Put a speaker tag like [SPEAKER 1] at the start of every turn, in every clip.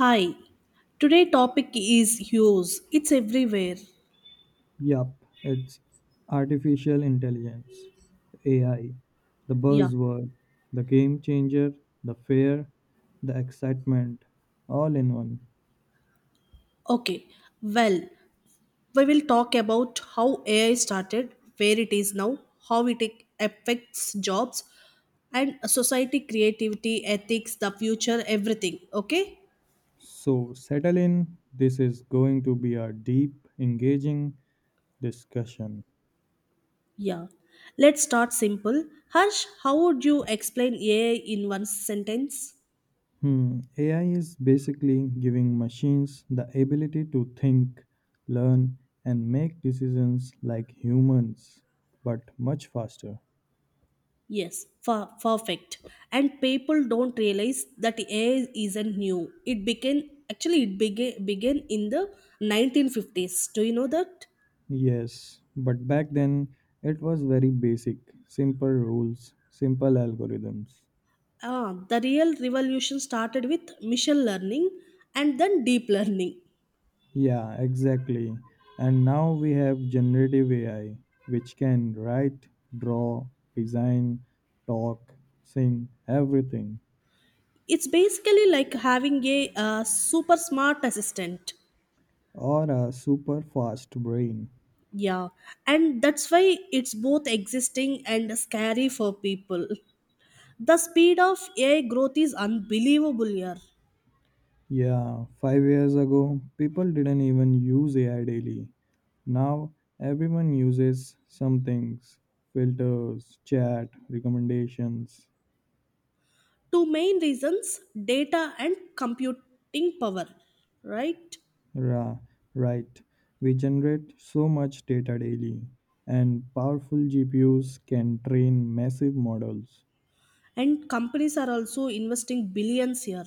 [SPEAKER 1] Hi. Today topic is use. It's everywhere.
[SPEAKER 2] Yup, it's artificial intelligence, AI, the
[SPEAKER 1] Yeah.
[SPEAKER 2] buzzword, the game changer, the fear, the excitement, all in one.
[SPEAKER 1] Okay. Well, we will talk about how AI started, where it is now, how it affects jobs and society, creativity, ethics, the future, everything. Okay?
[SPEAKER 2] So, settle in. This is going to be a deep, engaging discussion.
[SPEAKER 1] Yeah. Let's start simple. Harsh, how would you explain AI in one sentence?
[SPEAKER 2] AI is basically giving machines the ability to think, learn, and make decisions like humans, but much faster.
[SPEAKER 1] Yes, perfect. And people don't realize that AI isn't new. It began actually it began began in the 1950s. Do you know that?
[SPEAKER 2] Yes, but back then it was very basic, simple rules, simple algorithms.
[SPEAKER 1] Ah, the real revolution started with machine learning and then deep learning.
[SPEAKER 2] Yeah, exactly. And now we have generative AI, which can write, draw, design, talk, sing, everything,
[SPEAKER 1] It's basically like having a super smart assistant.
[SPEAKER 2] or a super fast brain.
[SPEAKER 1] Yeah, and that's why it's both existing and scary for people. The speed of AI growth is unbelievable here.
[SPEAKER 2] Yeah, 5 years ago, people didn't even use AI daily. Now everyone uses some things filters, chat, recommendations.
[SPEAKER 1] Two main reasons, data and computing power, right?
[SPEAKER 2] Ra- right. We generate so much data daily, and powerful GPUs can train massive models.
[SPEAKER 1] And companies are also investing billions here.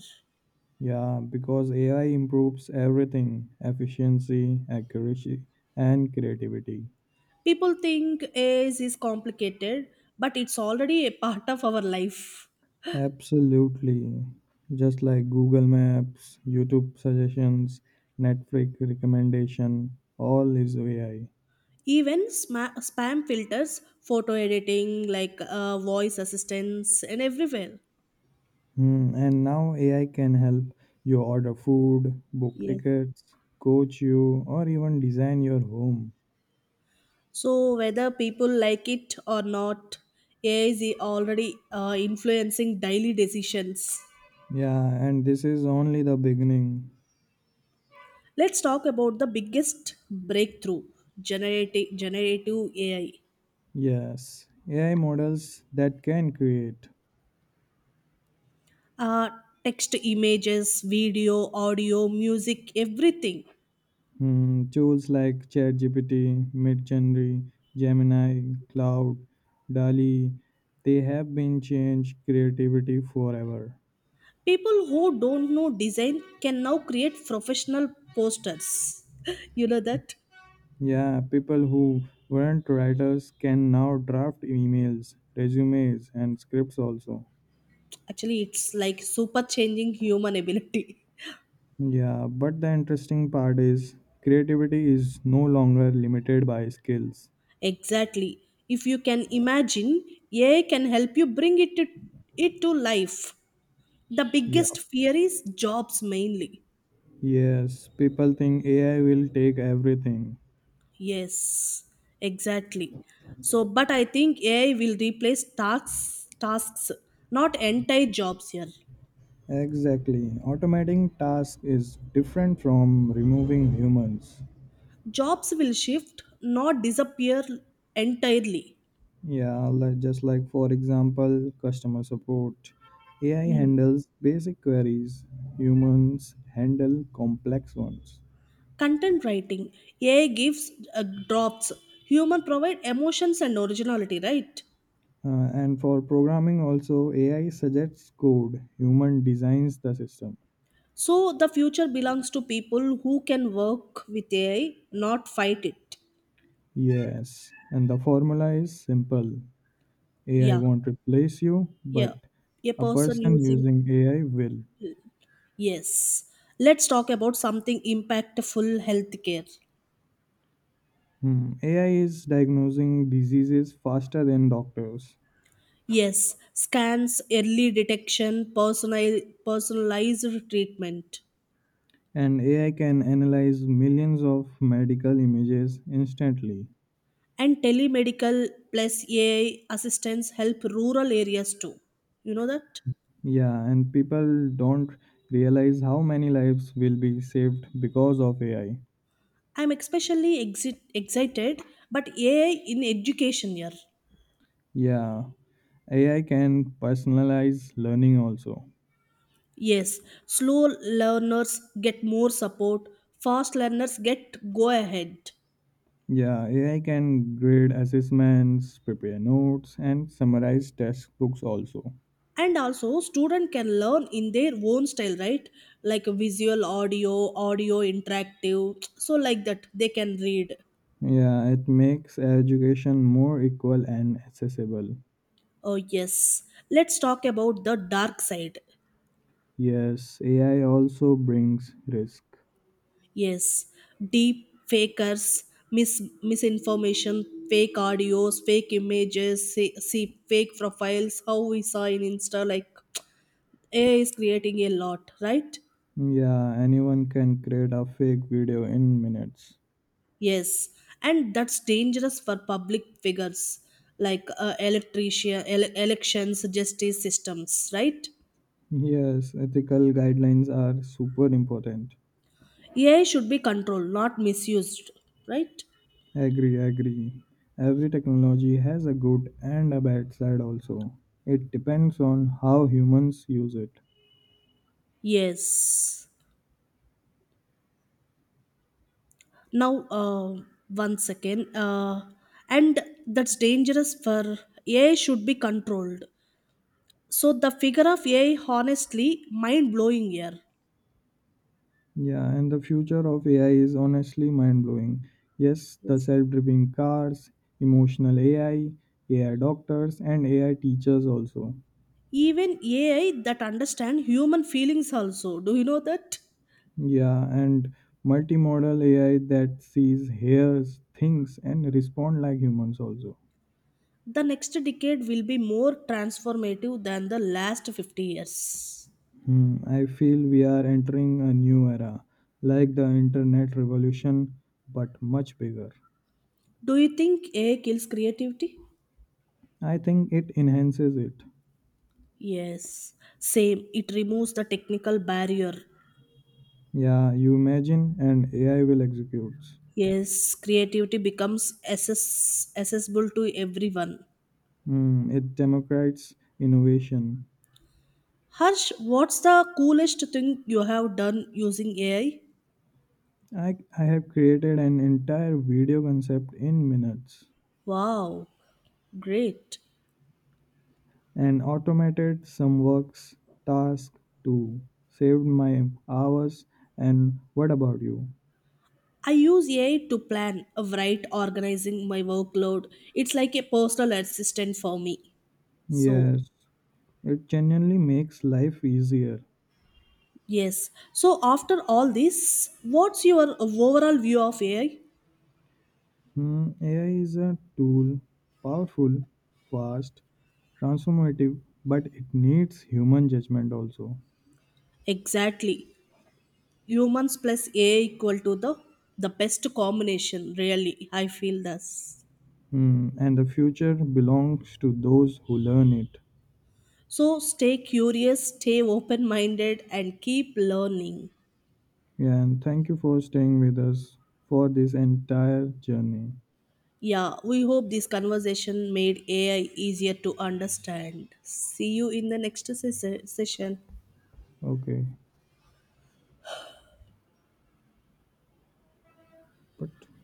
[SPEAKER 2] Yeah, because AI improves everything efficiency, accuracy, and creativity.
[SPEAKER 1] People think AI is complicated, but it's already a part of our life.
[SPEAKER 2] Absolutely. Just like Google Maps, YouTube suggestions, Netflix recommendation, all is AI.
[SPEAKER 1] Even spam filters, photo editing, like voice assistants and everywhere.
[SPEAKER 2] And now AI can help you order food, book
[SPEAKER 1] Yes,
[SPEAKER 2] tickets, coach you, or even design your home.
[SPEAKER 1] so whether people like it or not, AI is already influencing daily decisions.
[SPEAKER 2] Yeah, and this is only the beginning.
[SPEAKER 1] Let's talk about the biggest breakthrough, generative AI.
[SPEAKER 2] Yes, AI models that can create
[SPEAKER 1] Uh, text, images, video, audio, music, everything.
[SPEAKER 2] tools like ChatGPT, Midjourney, Gemini, Cloud, DALI, they have been changed creativity forever.
[SPEAKER 1] People who don't know design can now create professional posters. You know that?
[SPEAKER 2] Yeah, people who weren't writers can now draft emails, resumes, and scripts also.
[SPEAKER 1] Actually, it's like super changing human ability.
[SPEAKER 2] Yeah, but the interesting part is creativity is no longer limited by skills.
[SPEAKER 1] Exactly. If you can imagine, AI can help you bring it to life. The
[SPEAKER 2] Yeah.
[SPEAKER 1] biggest fear is jobs mainly.
[SPEAKER 2] Yes, people think AI will take everything.
[SPEAKER 1] Yes, exactly. So, but I think AI will replace tasks, not entire jobs here.
[SPEAKER 2] Exactly. Automating tasks is different from removing humans.
[SPEAKER 1] Jobs will shift, not disappear entirely.
[SPEAKER 2] Yeah, like just like for example, customer support. AI
[SPEAKER 1] Mm.
[SPEAKER 2] handles basic queries, humans handle complex ones.
[SPEAKER 1] Content writing, AI gives drops. Human provide emotions and originality, right?
[SPEAKER 2] And for programming, also AI suggests code, human designs the system.
[SPEAKER 1] So the future belongs to people who can work with AI, not fight it.
[SPEAKER 2] Yes, and the formula is simple AI
[SPEAKER 1] Yeah,
[SPEAKER 2] won't replace you, but
[SPEAKER 1] yeah. A
[SPEAKER 2] a
[SPEAKER 1] person
[SPEAKER 2] person
[SPEAKER 1] using.
[SPEAKER 2] using AI will.
[SPEAKER 1] Yes, let's talk about something impactful, healthcare.
[SPEAKER 2] Hmm. AI is diagnosing diseases faster than doctors.
[SPEAKER 1] Yes, scans, early detection, personalized treatment,
[SPEAKER 2] And AI can analyze millions of medical images instantly.
[SPEAKER 1] and telemedical plus AI assistance help rural areas too. You know that?
[SPEAKER 2] Yeah, and people don't realize how many lives will be saved because of AI.
[SPEAKER 1] I'm especially excited, but AI in education year.
[SPEAKER 2] Yeah, AI can personalize learning also.
[SPEAKER 1] Yes, slow learners get more support, fast learners get go ahead.
[SPEAKER 2] Yeah, AI can grade assessments, prepare notes, and summarize textbooks also.
[SPEAKER 1] And also student can learn in their own style, right? Like a visual, audio interactive, so like that they can read.
[SPEAKER 2] Yeah, it makes education more equal and accessible.
[SPEAKER 1] Oh yes, let's talk about the dark side.
[SPEAKER 2] Yes, AI also brings risk.
[SPEAKER 1] Yes, deep fakers, misinformation, fake audios, fake images, see fake profiles how we saw in insta, like AI is creating a lot, right?
[SPEAKER 2] Yeah, anyone can create a fake video in minutes.
[SPEAKER 1] Yes, and that's dangerous for public figures, like elections, justice systems, right?
[SPEAKER 2] Yes, ethical guidelines are super important.
[SPEAKER 1] AI should be controlled, not misused, right?
[SPEAKER 2] Agree, agree. Every technology has a good and a bad side also. It depends on how humans use it.
[SPEAKER 1] Yes. Now, one second. And that's dangerous for AI should be controlled. So the figure of AI, honestly, mind blowing here.
[SPEAKER 2] Yeah, and the future of AI is honestly mind blowing. Yes, the
[SPEAKER 1] Yes.
[SPEAKER 2] self driving cars, emotional AI, AI doctors, and AI teachers also.
[SPEAKER 1] Even AI that understand human feelings also. Do you know that?
[SPEAKER 2] Yeah, and multimodal AI that sees, hears, thinks, and respond like humans also.
[SPEAKER 1] The next decade will be more transformative than the last 50 years.
[SPEAKER 2] I feel we are entering a new era, like the internet revolution, but much bigger.
[SPEAKER 1] Do you think AI kills creativity?
[SPEAKER 2] I think it enhances it.
[SPEAKER 1] Yes, same. It removes the technical barrier.
[SPEAKER 2] Yeah, you imagine, and AI will execute.
[SPEAKER 1] Yes, creativity becomes accessible to everyone.
[SPEAKER 2] It democrates innovation.
[SPEAKER 1] Harsh, what's the coolest thing you have done using AI?
[SPEAKER 2] I have created an entire video concept in minutes.
[SPEAKER 1] Wow, great.
[SPEAKER 2] And automated some works tasks too. Saved my hours. And what about you?
[SPEAKER 1] I use AI to plan, write, organizing my workload. It's like a personal assistant for me. So,
[SPEAKER 2] Yes, it genuinely makes life easier.
[SPEAKER 1] yes. So, after all this, what's your overall view of AI?
[SPEAKER 2] AI is a tool, powerful, fast, transformative, but it needs human judgment also.
[SPEAKER 1] Exactly. Humans plus AI equal to the best combination. Really, I feel this.
[SPEAKER 2] And the future belongs to those who learn it.
[SPEAKER 1] So, stay curious, stay open minded, and keep learning.
[SPEAKER 2] Yeah, and thank you for staying with us for this entire journey.
[SPEAKER 1] Yeah, we hope this conversation made AI easier to understand. See you in the next session.
[SPEAKER 2] Okay, but